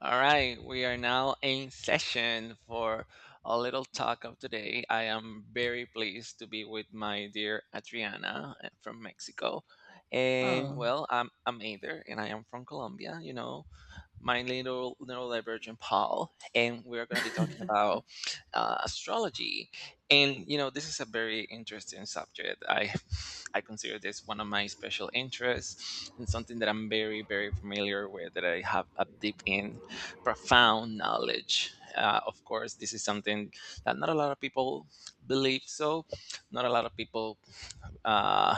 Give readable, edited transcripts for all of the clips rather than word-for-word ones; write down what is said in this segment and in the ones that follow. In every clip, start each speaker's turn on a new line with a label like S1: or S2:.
S1: All right, we are now in session for a little talk of today. I am very pleased to be with my dear Adriana from Mexico. And
S2: Oh.
S1: well, I'm Ader and I am from Colombia, you know, my little neurodivergent Paul, and we're going to be talking about astrology. And you know, this is a very interesting subject. I consider this one of my special interests and something that I'm very familiar with, that I have a deep in profound knowledge. Of course, this is something that not a lot of people believe so. Not a lot of people uh,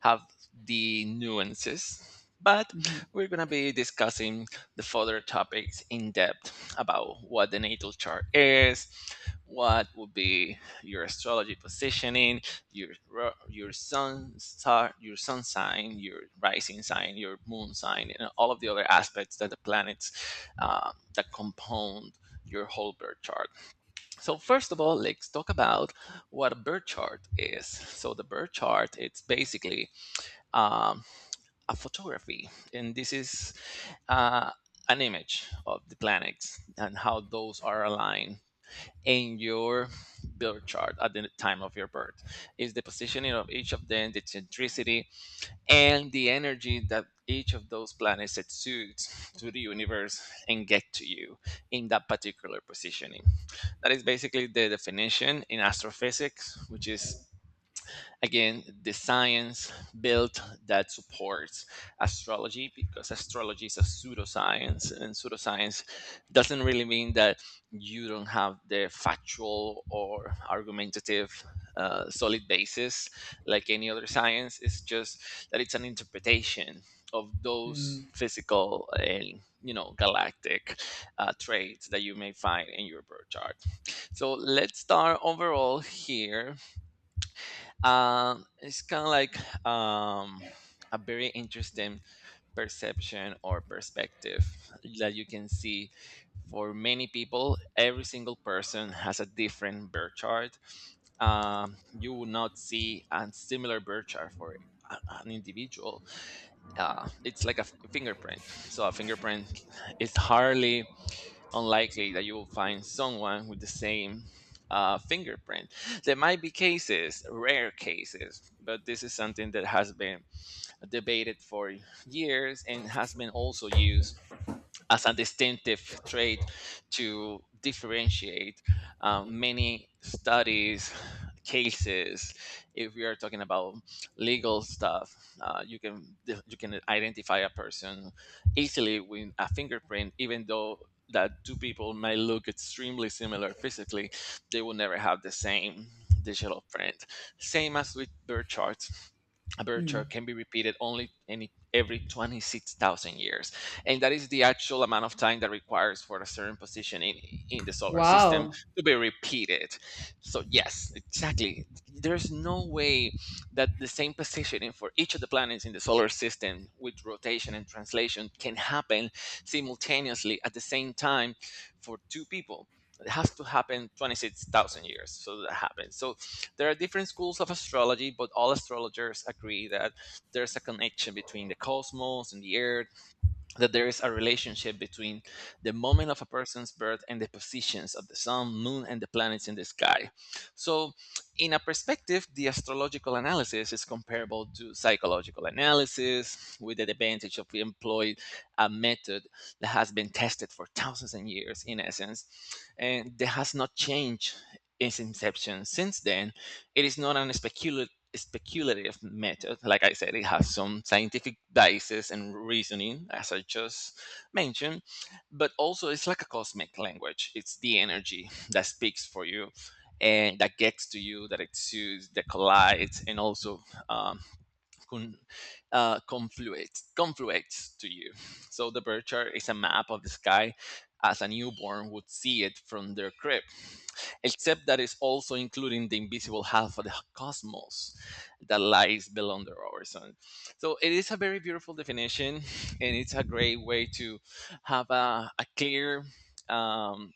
S1: have the nuances. But
S2: Mhm.
S1: we're going to be discussing the further topics in depth about what the natal chart is, what would be your astrology positioning, your sun star, your sun sign, your rising sign, your moon sign, and all of the other aspects that the planets that compound your whole birth chart. So first of all, let's talk about what a birth chart is. So the birth chart, it's basically um, a photography, and this is uh, an image of the planets and how those are aligned in your birth chart at the time of your birth. Is the positioning of each of them, the centricity, and the energy that each of those planets exudes to the universe and get to you in that particular positioning. That is basically the definition in astrophysics, which is again the science built that supports astrology, because astrology is a pseudoscience, and pseudoscience doesn't really mean that you don't have the factual or argumentative solid basis like any other science. It's just that it's an interpretation of those
S2: Mm.
S1: physical and, you know, galactic traits that you may find in your birth chart. So let's start overall here. It's kind of like um, a very interesting perception or perspective that you can see for many people. Every single person has a different birth chart. You will not see a similar birth chart for an individual. It's like a fingerprint. So a fingerprint is hardly unlikely that you will find someone with the same fingerprint. There might be cases, rare cases, but this is something that has been debated for years and has been also used as a distinctive trait to differentiate many studies cases. If we are talking about legal stuff, you can identify a person easily with a fingerprint, even though that two people may look extremely similar physically, they will never have the same digital print. Same as with birth charts, a birth chart
S2: Mm.
S1: can be repeated only any every 26,000 years, and that is the actual amount of time that requires for a certain position in the solar system
S2: Wow.
S1: to be repeated. So yes, exactly. There's no way that the same positioning for each of the planets in the solar system with rotation and translation can happen simultaneously at the same time for two people. It has to happen 26,000 years. So that happens. So there are different schools of astrology, but all astrologers agree that there's a connection between the cosmos and the earth, that there is a relationship between the moment of a person's birth and the positions of the sun, moon, and the planets in the sky. So, in a perspective, the astrological analysis is comparable to psychological analysis, with the advantage of we employ a method that has been tested for thousands of years, in essence, and that has not changed its inception since then. It is not an speculative method. Like I said, it has some scientific basis and reasoning, as I just mentioned, but also it's like a cosmic language. It's the energy that speaks for you and that gets to you, that exudes, that collides, and also um, con, confluates to you. So the bird chart is a map of the sky as a newborn would see it from their crib, except that it's also including the invisible half of the cosmos that lies below under our sun. So it is a very beautiful definition, and it's a great way to have a clear um,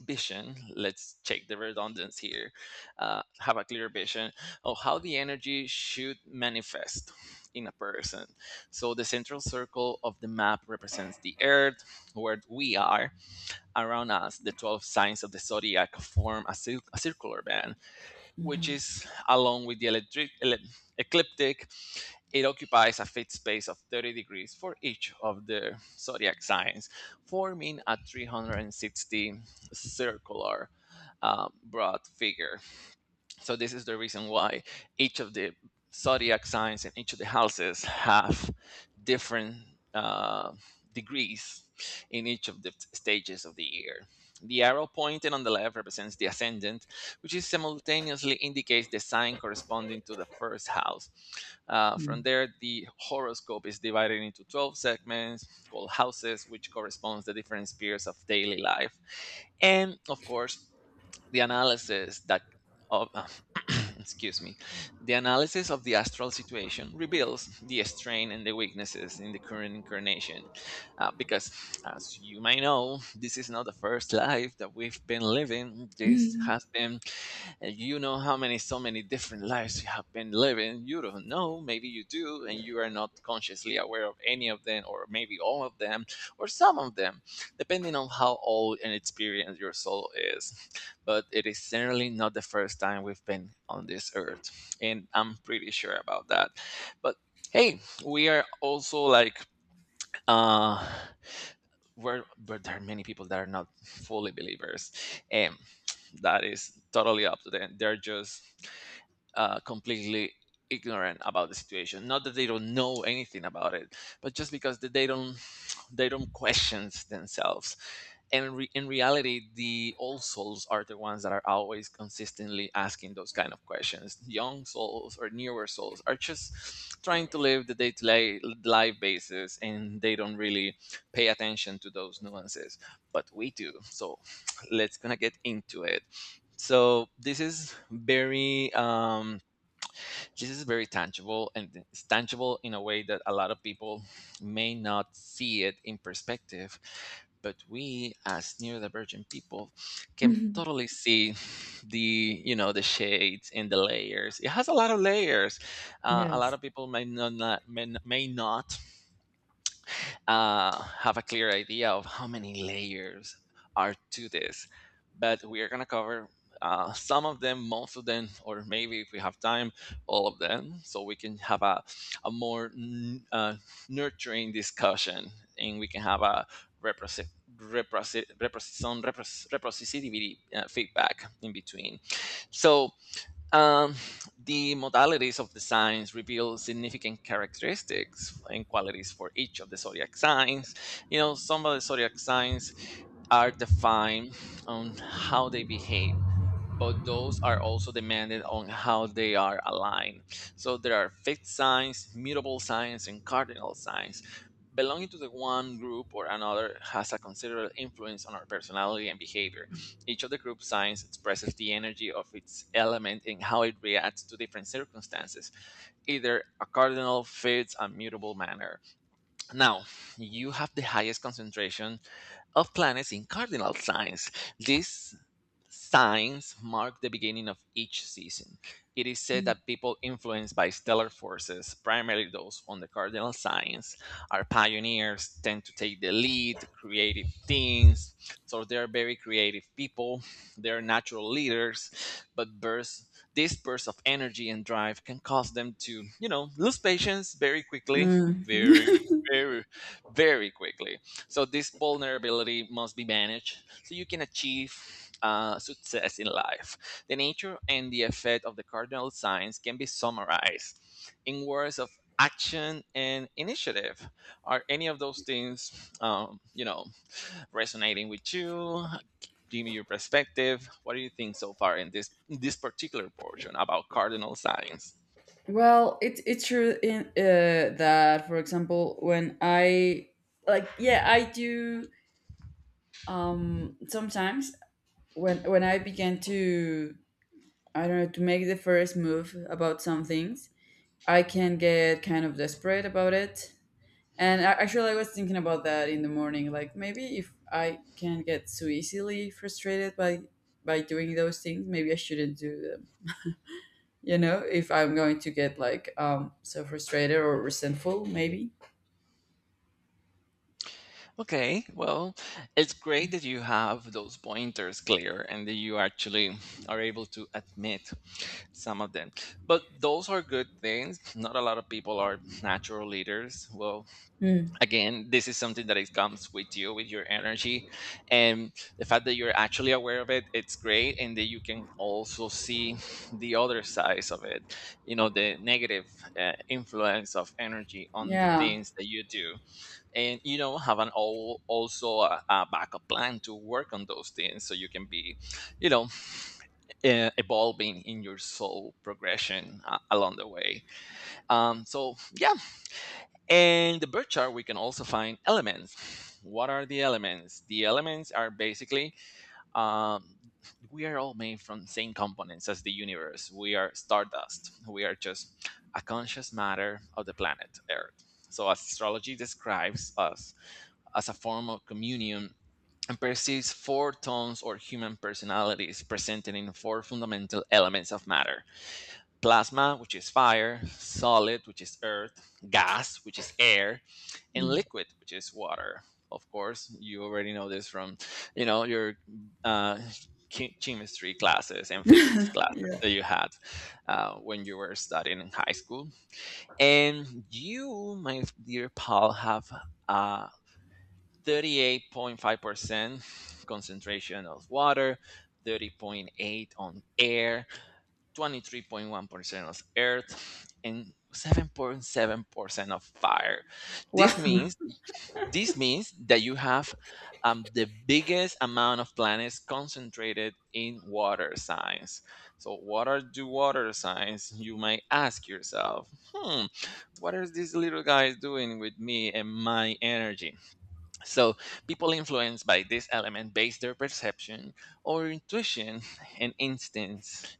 S1: vision. Let's check the redundance here. Uh, have a clear vision of how the energy should manifest in a person. So the central circle of the map represents the earth where we are. Around us, the 12 signs of the zodiac form a circular band, which
S2: Mhm.
S1: is along with the ecliptic. It occupies a fixed space of 30 degrees for each of the zodiac signs, forming a 360 circular broad figure. So this is the reason why each of the zodiac signs and each of the houses have different uh, degrees in each of the stages of the year. The arrow pointing on the left represents the ascendant, which is simultaneously indicates the sign corresponding to the first house. From there, the horoscope is divided into 12 segments called houses, which corresponds to the different spheres of daily life. And of course, the analysis that of, excuse me, the analysis of the astral situation reveals the strain and the weaknesses in the current incarnation. Because as you may know, this is not the first life that we've been living. This
S2: Mm.
S1: has been, and you know how many, so many different lives you have been living. You don't know. Maybe you do, and you are not consciously aware of any of them, or maybe all of them, or some of them, depending on how old and experienced your soul is. But it is certainly not the first time we've been on this earth. And I'm pretty sure about that. But hey, we are also like, uh, where there are many people that are not fully believers. And that is totally up to them. They're just completely ignorant about the situation. Not that they don't know anything about it, but just because that they don't they don't question themselves. And in reality, the old souls are the ones that are always consistently asking those kind of questions. Young souls or newer souls are just trying to live the day-to-day life basis and they don't really pay attention to those nuances, but we do. So let's gonna get into it. So this is very tangible, and it's tangible in a way that a lot of people may not see it in perspective, but we as neurodivergent people can totally see the, you know, the shades and the layers. It has a lot of layers. Uh, a lot
S2: Yes.
S1: of people may not, may not have a clear idea of how many layers are to this. But we are going to cover some of them, most of them, or maybe if we have time, all of them, so we can have a more nurturing discussion, and we can have a reprosi- reprosicity feedback in between. So, um, the modalities of the signs reveal significant characteristics and qualities for each of the zodiac signs. You know, some of the zodiac signs are defined on how they behave, but those are also demanded on how they are aligned. So there are fixed signs, mutable signs, and cardinal signs. Belonging to the one group or another has a considerable influence on our personality and behavior. Each of the group signs expresses the energy of its element and how it reacts to different circumstances. Either a cardinal fits a mutable manner. Now, you have the highest concentration of planets in cardinal signs. This signs mark the beginning of each season. It is said
S2: Mm.
S1: that people influenced by stellar forces, primarily those on the cardinal signs, are pioneers, tend to take the lead, creative things. So they're very creative people. They're natural leaders, but bursts, this burst of energy and drive can cause them to, you know, lose patience very quickly,
S2: Mm.
S1: very, very, very quickly. So this vulnerability must be managed so you can achieve success in life. The nature and the effect of the cardinal signs can be summarized in words of action and initiative. Are any of those things, you know, resonating with you? Give me your perspective. What do you think so far in this particular portion about cardinal signs?
S2: Well, it, it's true in that, for example, when I like, yeah, I do. Sometimes when I began to, I don't know, to make the first move about some things, I can get kind of desperate about it. Actually, I was thinking about that in the morning. Like maybe if I can get so easily frustrated by doing those things, maybe I shouldn't do them. You know, if I'm going to get like so frustrated or resentful, maybe.
S1: Okay, well, it's great that you have those pointers clear and that you actually are able to admit some of them, but those are good things. Not a lot of people are natural leaders. Well,
S2: Hmm.
S1: again, this is something that it comes with you, with your energy, and the fact that you're actually aware of it, it's great, and that you can also see the other sides of it, you know, the negative influence of energy on the
S2: Yeah.
S1: things that you do, and you know have an all also a backup plan to work on those things so you can be, you know, evolving in your soul progression along the way. So, yeah. And the birth chart, we can also find elements. What are the elements? The elements are basically, um, we are all made from same components as the universe. We are stardust. We are just a conscious matter of the planet Earth. So, astrology describes us as a form of communion and perceives four tones or human personalities presented in four fundamental elements of matter: plasma, which is fire; solid, which is earth; gas, which is air; and
S2: Hmm.
S1: liquid, which is water. Of course, you already know this from, you know, your uh, chemistry classes and physics classes
S2: Yeah.
S1: that you had when you were studying in high school. And you, my dear Paul, have a 38.5% concentration of water, 30.8 on air, 23.1% of earth, and 7.7% of fire. This
S2: Well.
S1: means this means that you have, the biggest amount of planets concentrated in water signs. So, what are the water signs? You might ask yourself, hmm, what is this little guy doing with me and my energy? So people influenced by this element base their perception or intuition and instincts.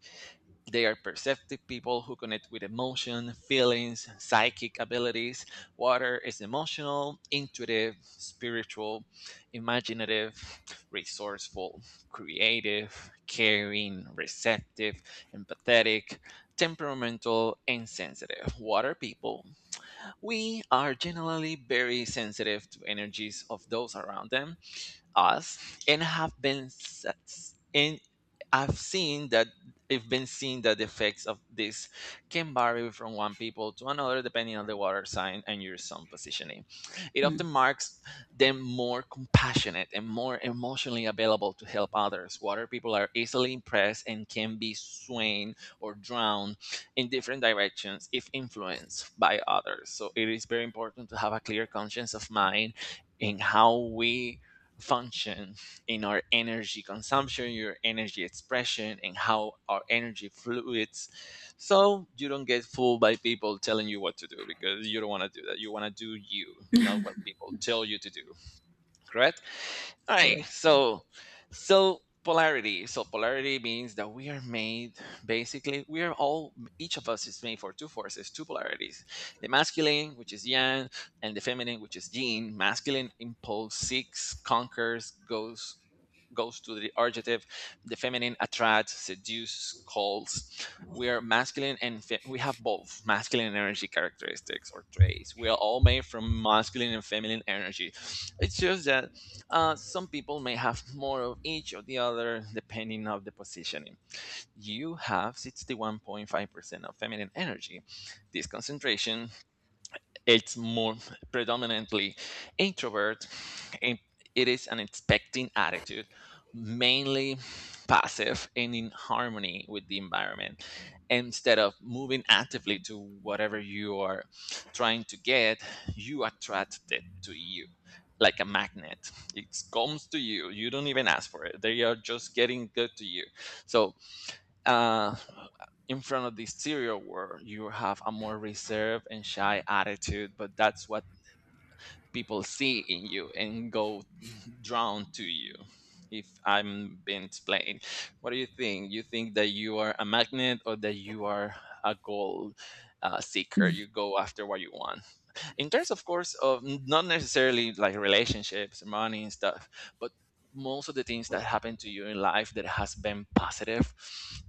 S1: They are perceptive people who connect with emotion, feelings, psychic abilities. Water is emotional, intuitive, spiritual, imaginative, resourceful, creative, caring, receptive, empathetic, temperamental, and sensitive. Water people, we are generally very sensitive to energies of those around them, us, and have been and I've seen that I've been seeing that the effects of this can vary from one people to another depending on the water sign and your sun positioning. It
S2: Hmm.
S1: often marks them more compassionate and more emotionally available to help others. Water people are easily impressed and can be swayed or drowned in different directions if influenced by others. So it is very important to have a clear conscience of mind in how we function in our energy consumption, your energy expression, and how our energy fluids. So you don't get fooled by people telling you what to do, because you don't want to do that. You want to do you, not what people tell you to do. Correct? All right.
S2: Correct.
S1: So, polarity. So polarity means that we are made. Basically, we are all. Each of us is made for two forces, two polarities: the masculine, which is yang, and the feminine, which is yin. Masculine impulse seeks, conquers, goes to the adjective. The feminine attracts, seduces, calls. We are masculine and we have both masculine energy characteristics or traits. We are all made from masculine and feminine energy. It's just that some people may have more of each or the other depending on the positioning. You have 61.5% of feminine energy. This concentration, it's more predominantly introvert, and it is an expecting attitude, mainly passive and in harmony with the environment. Instead of moving actively to whatever you are trying to get, you attract it to you like a magnet. It comes to you, you don't even ask for it, they are just getting good to you. So, uh, in front of the exterior world, you have a more reserved and shy attitude, but that's what people see in you and go drawn to you. If I'm being explained, what do you think? You think that you are a magnet or that you are a goal seeker? You go after what you want, in terms of course of not necessarily like relationships, money and stuff, but most of the things that happen to you in life that has been positive,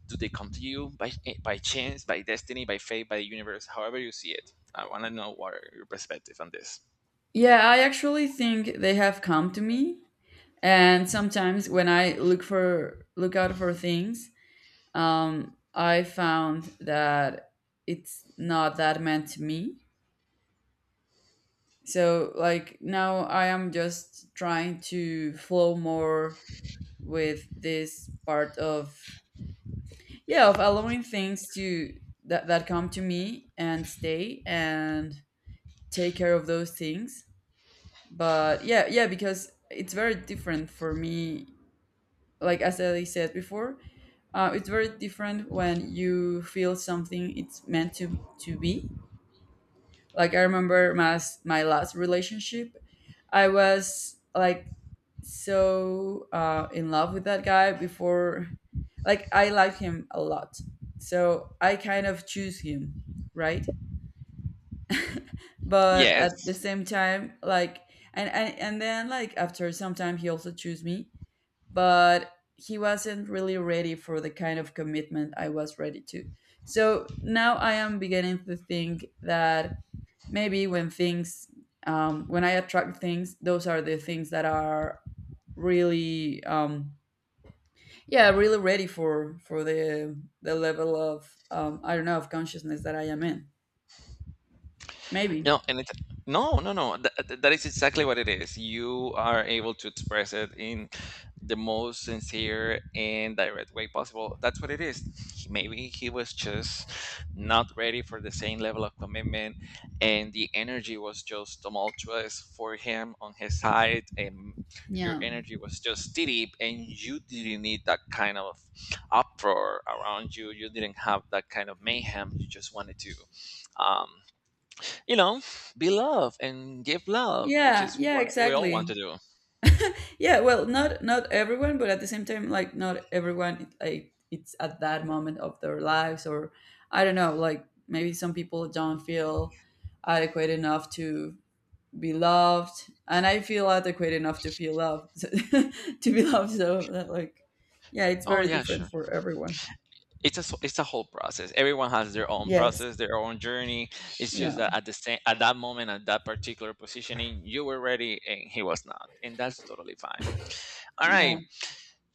S1: do they come to you by chance, by destiny, by fate, by the universe, however you see it? I want to know what are your perspective on this.
S2: Yeah, I actually think they have come to me, and sometimes when I look for look out for things, I found that it's not that meant to me. So like now I am just trying to flow more with this part of, yeah, of allowing things to that come to me and stay and take care of those things. But yeah, yeah, because it's very different for me, like as I said before, it's very different when you feel something it's meant to be. Like I remember my last relationship, I was like so in love with that guy before, like I liked him a lot, so I kind of choose him, right? But at the
S1: Yes.
S2: same time, like and then like after some time, he also chose me, but he wasn't really ready for the kind of commitment I was ready to. So now I am beginning to think that maybe when things, when I attract things, those are the things that are really, yeah, really ready for the level of, um, I don't know, of consciousness that I am in, maybe.
S1: No, and it's no, no, no. That is exactly what it is. You are able to express it in the most sincere and direct way possible. That's what it is. Maybe he was just not ready for the same level of commitment, and the energy was just tumultuous for him on his side, and your
S2: Yeah,
S1: energy was just deep, and you didn't need that kind of uproar around you. You didn't have that kind of mayhem. You just wanted to, Um, you know, be love and give love, which
S2: yeah
S1: is
S2: yeah
S1: what we all want
S2: exactly.
S1: to do.
S2: Yeah, well, not everyone, but at the same time, like not everyone like it's at that moment of their lives, or I don't know, like maybe some people don't feel adequate enough to be loved, and I feel adequate enough to feel loved to be loved. So that like yeah, it's
S1: Oh
S2: very
S1: yeah,
S2: different
S1: sure.
S2: for everyone.
S1: It's a whole process. Everyone has their own
S2: Yes.
S1: process, their own journey. It's just
S2: Yeah,
S1: that at the same at that moment, at that particular positioning, you were ready and he was not, and that's totally fine. All
S2: yeah.
S1: right.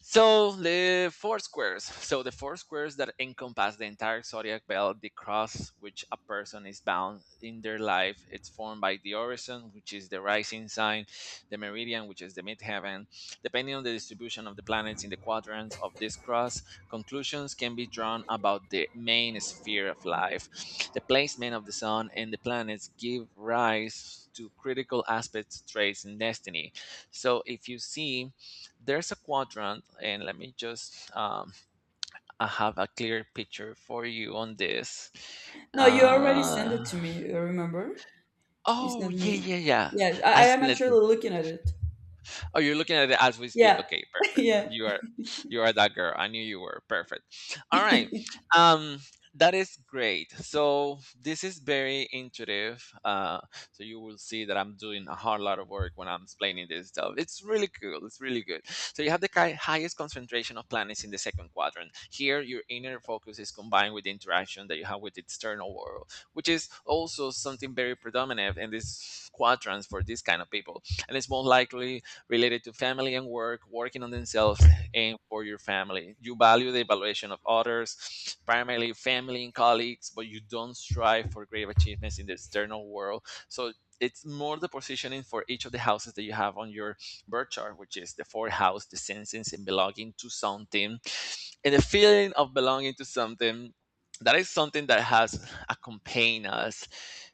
S1: So the four squares. So the four squares that encompass the entire zodiac belt, the cross which a person is bound in their life, it's formed by the orison, which is the rising sign, the meridian, which is the midheaven. Depending on the distribution of the planets in the quadrants of this cross, conclusions can be drawn about the main sphere of life. The placement of the sun and the planets give rise to critical aspects, traits, and destiny. So if you see, there's a quadrant, and let me just, I have a clear picture for you on this.
S2: No, you already sent
S1: Uh,
S2: it to me, you remember. You
S1: oh
S2: sent
S1: yeah,
S2: me.
S1: yeah, yeah.
S2: Yes,
S1: I
S2: I am
S1: seen it.
S2: actually looking at it.
S1: Oh, you're looking at it as we speak.
S2: Yeah.
S1: Okay, perfect.
S2: Yeah.
S1: You are that girl. I knew you were. Perfect. All right. Um that is great. So this is very intuitive. So you will see that I'm doing a whole lot of work when I'm explaining this stuff. It's really cool. It's really good. So you have the highest concentration of planets in the second quadrant. Here, your inner focus is combined with the interaction that you have with the external world, which is also something very predominant in these quadrants for these kind of people, and it's more likely related to family and work, working on themselves and for your family. You value the evaluation of others, primarily family and colleagues, but you don't strive for great achievements in the external world. So it's more the positioning for each of the houses that you have on your birth chart, which is the fourth house, the senses and belonging to something. And the feeling of belonging to something, that is something that has accompanied us,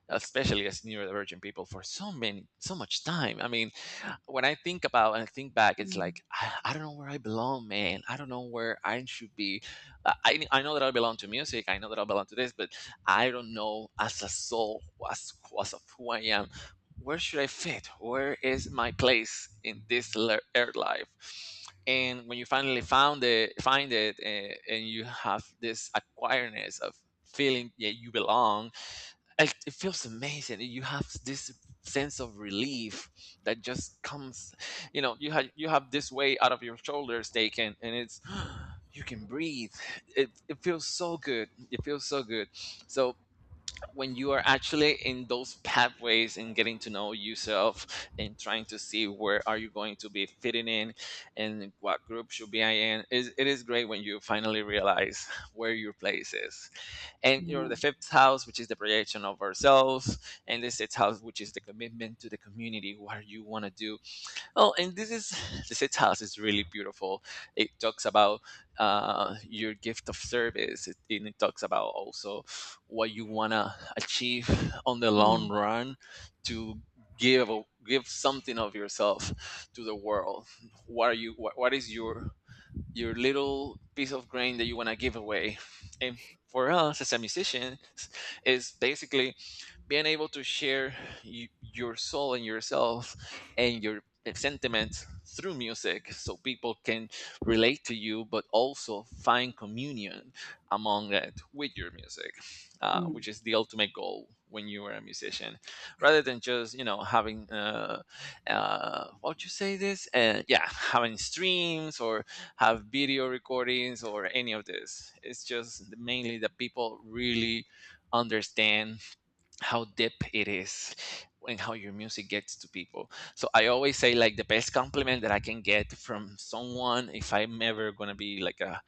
S1: especially as neurodivergent people, for so many, so much time. I mean, when I think about and think back, it's
S2: Mm,
S1: like I don't know where I belong, man. I don't know where I should be. I know that I belong to music. I know that I belong to this, but I don't know as a soul, as as of who I am. Where should I fit? Where is my place in this earth life? And when you finally find it, and you have this awareness of feeling that you belong, it feels amazing. You have this sense of relief that just comes, you know, you have this weight out of your shoulders taken, and it's you can breathe. It feels so good. It feels so good. So when you are actually in those pathways and getting to know yourself and trying to see where are you going to be fitting in and what group should be I in, is it is great when you finally realize where your place is. And you know
S2: yeah.
S1: the fifth house, which is the projection of ourselves, and the sixth house, which is the commitment to the community, what you want to do. Oh, and this is, the sixth house is really beautiful. It talks about, your gift of service, and it talks about also what you want to achieve on the long
S2: Mm.
S1: run, to give something of yourself to the world. What, what is your little piece of grain that you want to give away. And for us as a musician, is basically being able to share your soul and yourself and your sentiments through music, so people can relate to you but also find communion among it with your music, which
S2: Mm.
S1: is the ultimate goal when you are a musician, rather than just, you know, having what you say this, yeah, having streams or have video recordings or any of this. It's just mainly that people really understand how deep it is and how your music gets to people. So I always say like the best compliment that I can get from someone if I'm ever gonna be like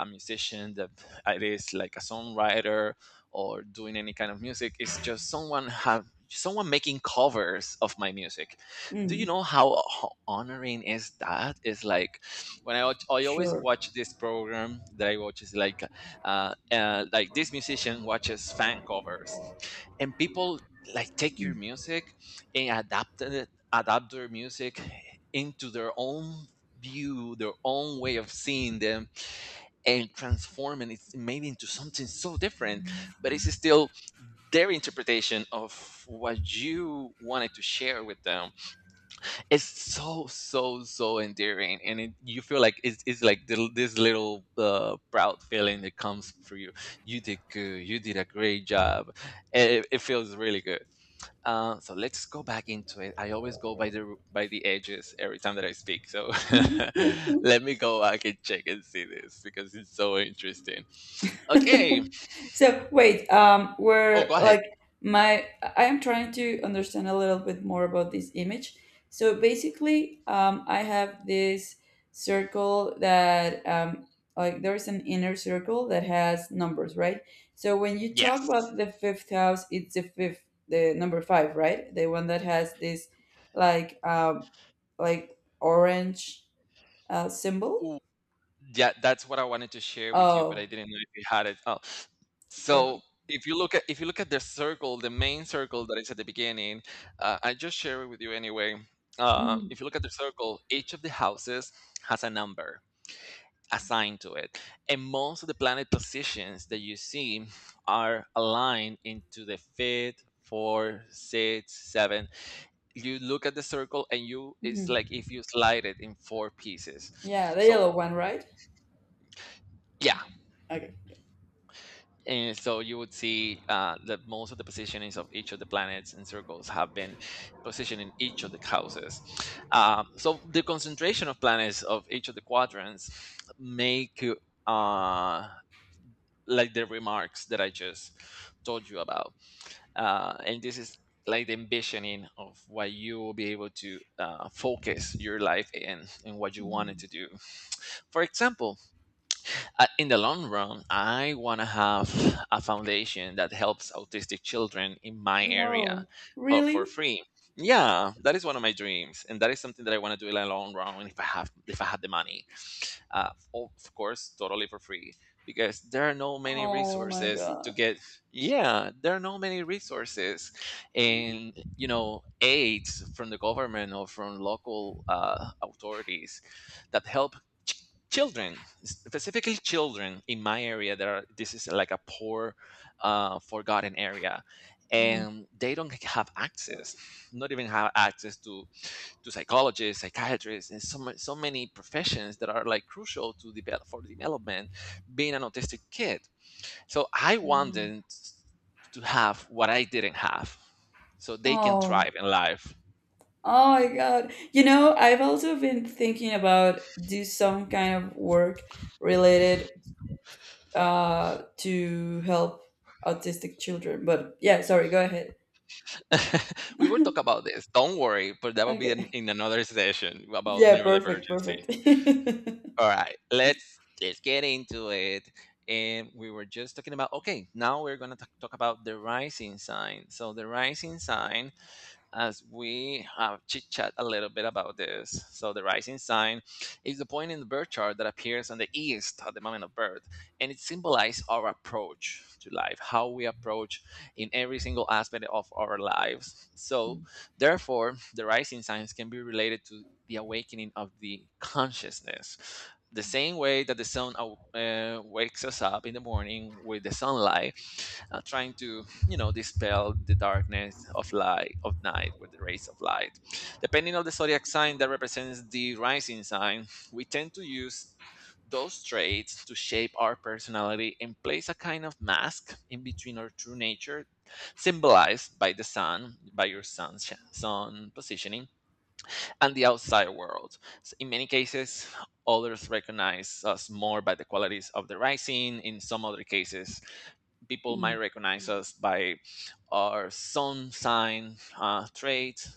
S1: a musician that it is like a songwriter or doing any kind of music is just someone making covers of my music. Do you
S2: Mm.
S1: know how honoring is that? It's like when I watch, I always
S2: Sure.
S1: watch this program that I watch is like this musician watches fan covers and people like take your music and adapt their music into their own view, their own way of seeing them, and transforming it maybe into something so different, but it's still their interpretation of what you wanted to share with them. It's so endearing and you feel like it's like this little proud feeling that comes for you. You did good, you did a great job. It feels really good. So let's go back into it. I always go by the edges every time that I speak. So let me go back and check and see this because it's so interesting. Okay.
S2: So wait,
S1: Oh, go
S2: we're
S1: ahead.
S2: like my I am trying to understand a little bit more about this image. So basically, I have this circle that, like there is an inner circle that has numbers, right? So when you talk
S1: Yes.
S2: about the fifth house, it's the fifth, the number five, right? The one that has this like, like orange symbol.
S1: Ooh, yeah, that's what I wanted to share with you, but I
S2: Oh,
S1: didn't know if you had it. Oh, so
S2: perfect.
S1: if you look at the circle, the main circle that is at the beginning, I just share it with you anyway. Uh,
S2: Mhm,
S1: if you look at the circle, each of the houses has a number assigned to it. And most of the planet positions that you see are aligned into the fifth, four, six, seven. You look at the circle and you,
S2: mhm.
S1: it's like if you slide it in four pieces.
S2: Yeah, the
S1: So
S2: yellow one, right?
S1: yeah.
S2: Okay.
S1: And so you would see that most of the positionings of each of the planets and circles have been positioned in each of the houses. So the concentration of planets of each of the quadrants make uh, like the remarks that I just told you about. And this is like the ambitioning of what you will be able to focus your life in and what you wanted
S2: Mhm.
S1: to do. For example, in the long run, I want to have a foundation that helps autistic children in my area,
S2: Oh,
S1: for
S2: really?
S1: free. Yeah, that is one of my dreams, and that is something that I want to do in the long run. If I had the money, of course, totally for free, because there are no many
S2: Oh my
S1: resources to
S2: God.
S1: get. Yeah, there are no many resources, and you know, aids from the government or from local authorities that help children, specifically children in my area that are, this is like a poor forgotten area, and they don't have access, not even have access to psychologists, psychiatrists, and so, so many professions that are like crucial to develop, for development, being an autistic kid. So I
S2: Mhm.
S1: wanted to have what I didn't have so they can
S2: Oh,
S1: thrive in life.
S2: oh my God. You know, I've also been thinking about do some kind of work related to help autistic children. But yeah, sorry, go ahead.
S1: We will talk about this, don't worry, but that will be
S2: Okay.
S1: in another session about
S2: Yeah, perfect,
S1: neurodivergency.
S2: perfect.
S1: All right, let's get into it. And we were just talking about, okay, now we're gonna talk about the rising sign. So the rising sign, as we have chit chat a little bit about this. So the rising sign is the point in the birth chart that appears on the east at the moment of birth, and it symbolizes our approach to life, how we approach in every single aspect of our lives. So therefore, the rising signs can be related to the awakening of the consciousness. The same way that the sun wakes us up in the morning with the sunlight, trying to, you know, dispel the darkness of light of night with the rays of light. Depending on the zodiac sign that represents the rising sign, we tend to use those traits to shape our personality and place a kind of mask in between our true nature, symbolized by the sun, by your sun positioning, and the outside world. In many cases, others recognize us more by the qualities of the writing. In some other cases, people might
S2: Mm.
S1: recognize us by our sun sign trait.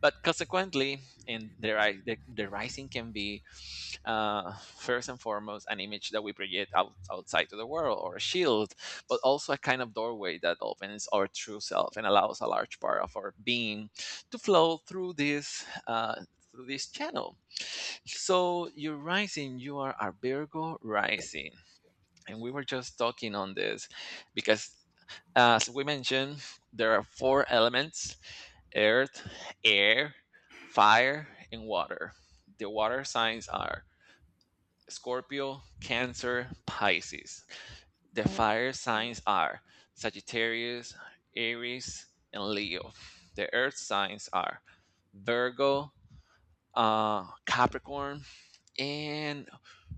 S1: But consequently, in their eye, the rising can be first and foremost an image that we project outside to the world, or a shield, but also a kind of doorway that opens our true self and allows a large part of our being to flow through this channel. So you're rising, you are a Virgo rising. And we were just talking on this because, as we mentioned, there are four elements: earth, air, fire, and water. The water signs are Scorpio, Cancer, Pisces. The
S2: Oh.
S1: fire signs are Sagittarius, Aries, and Leo. The earth signs are Virgo, Capricorn, and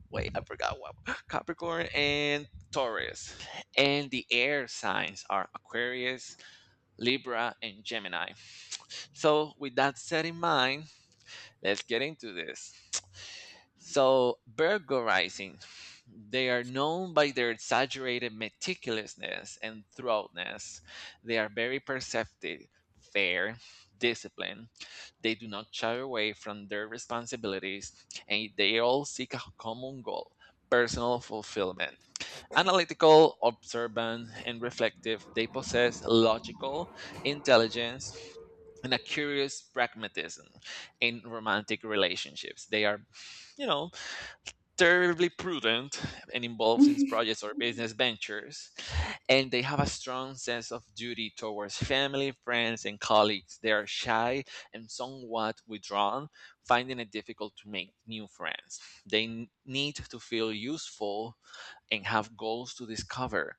S1: wait, I forgot what Capricorn and Taurus. And the air signs are Aquarius, Libra, and Gemini. So, with that said in mind, let's get into this. So, burglarizing, they are known by their exaggerated meticulousness and thoroughness. They are very perceptive, fair, disciplined. They do not shy away from their responsibilities, and they all seek a common goal: personal fulfillment. Analytical, observant, and reflective, they possess logical intelligence and a curious pragmatism in romantic relationships. They are, you know, terribly prudent and involved in projects or business ventures, and they have a strong sense of duty towards family, friends, and colleagues. They are shy and somewhat withdrawn, finding it difficult to make new friends. They need to feel useful and have goals to discover.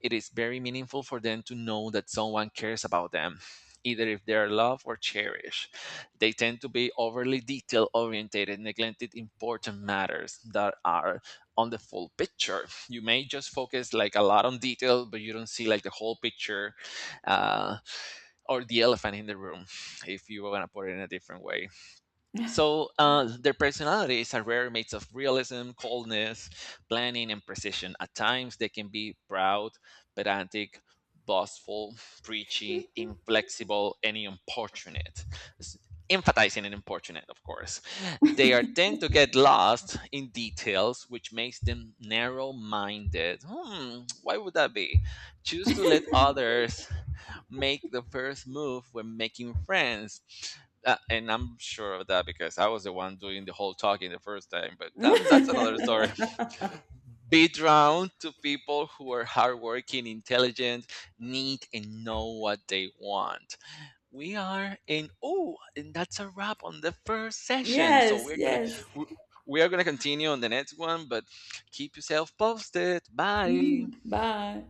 S1: It is very meaningful for them to know that someone cares about them, either if they are loved or cherished. They tend to be overly detail oriented, neglected important matters that are on the full picture. You may just focus like a lot on detail, but you don't see like the whole picture, uh, or the elephant in the room, if you want to put it in a different way. So their personalities are rare mates of realism, coldness, planning, and precision. At times, they can be proud, pedantic, boastful, preachy, inflexible, and importunate. S- Emphasizing and importunate, of course. They are tend to get lost in details, which makes them narrow-minded. Hmm, why would that be? Choose to let others make the first move when making friends. And I'm sure of that because I was the one doing the whole talking the first time, but that's another story. Be drawn to people who are hardworking, intelligent, neat, and know what they want. We are in, oh, and that's a wrap on the first session. So
S2: Yes,
S1: we're going to,
S2: yes.
S1: we we are going to continue on the next one, but keep yourself posted. Bye.
S2: Mm. Bye.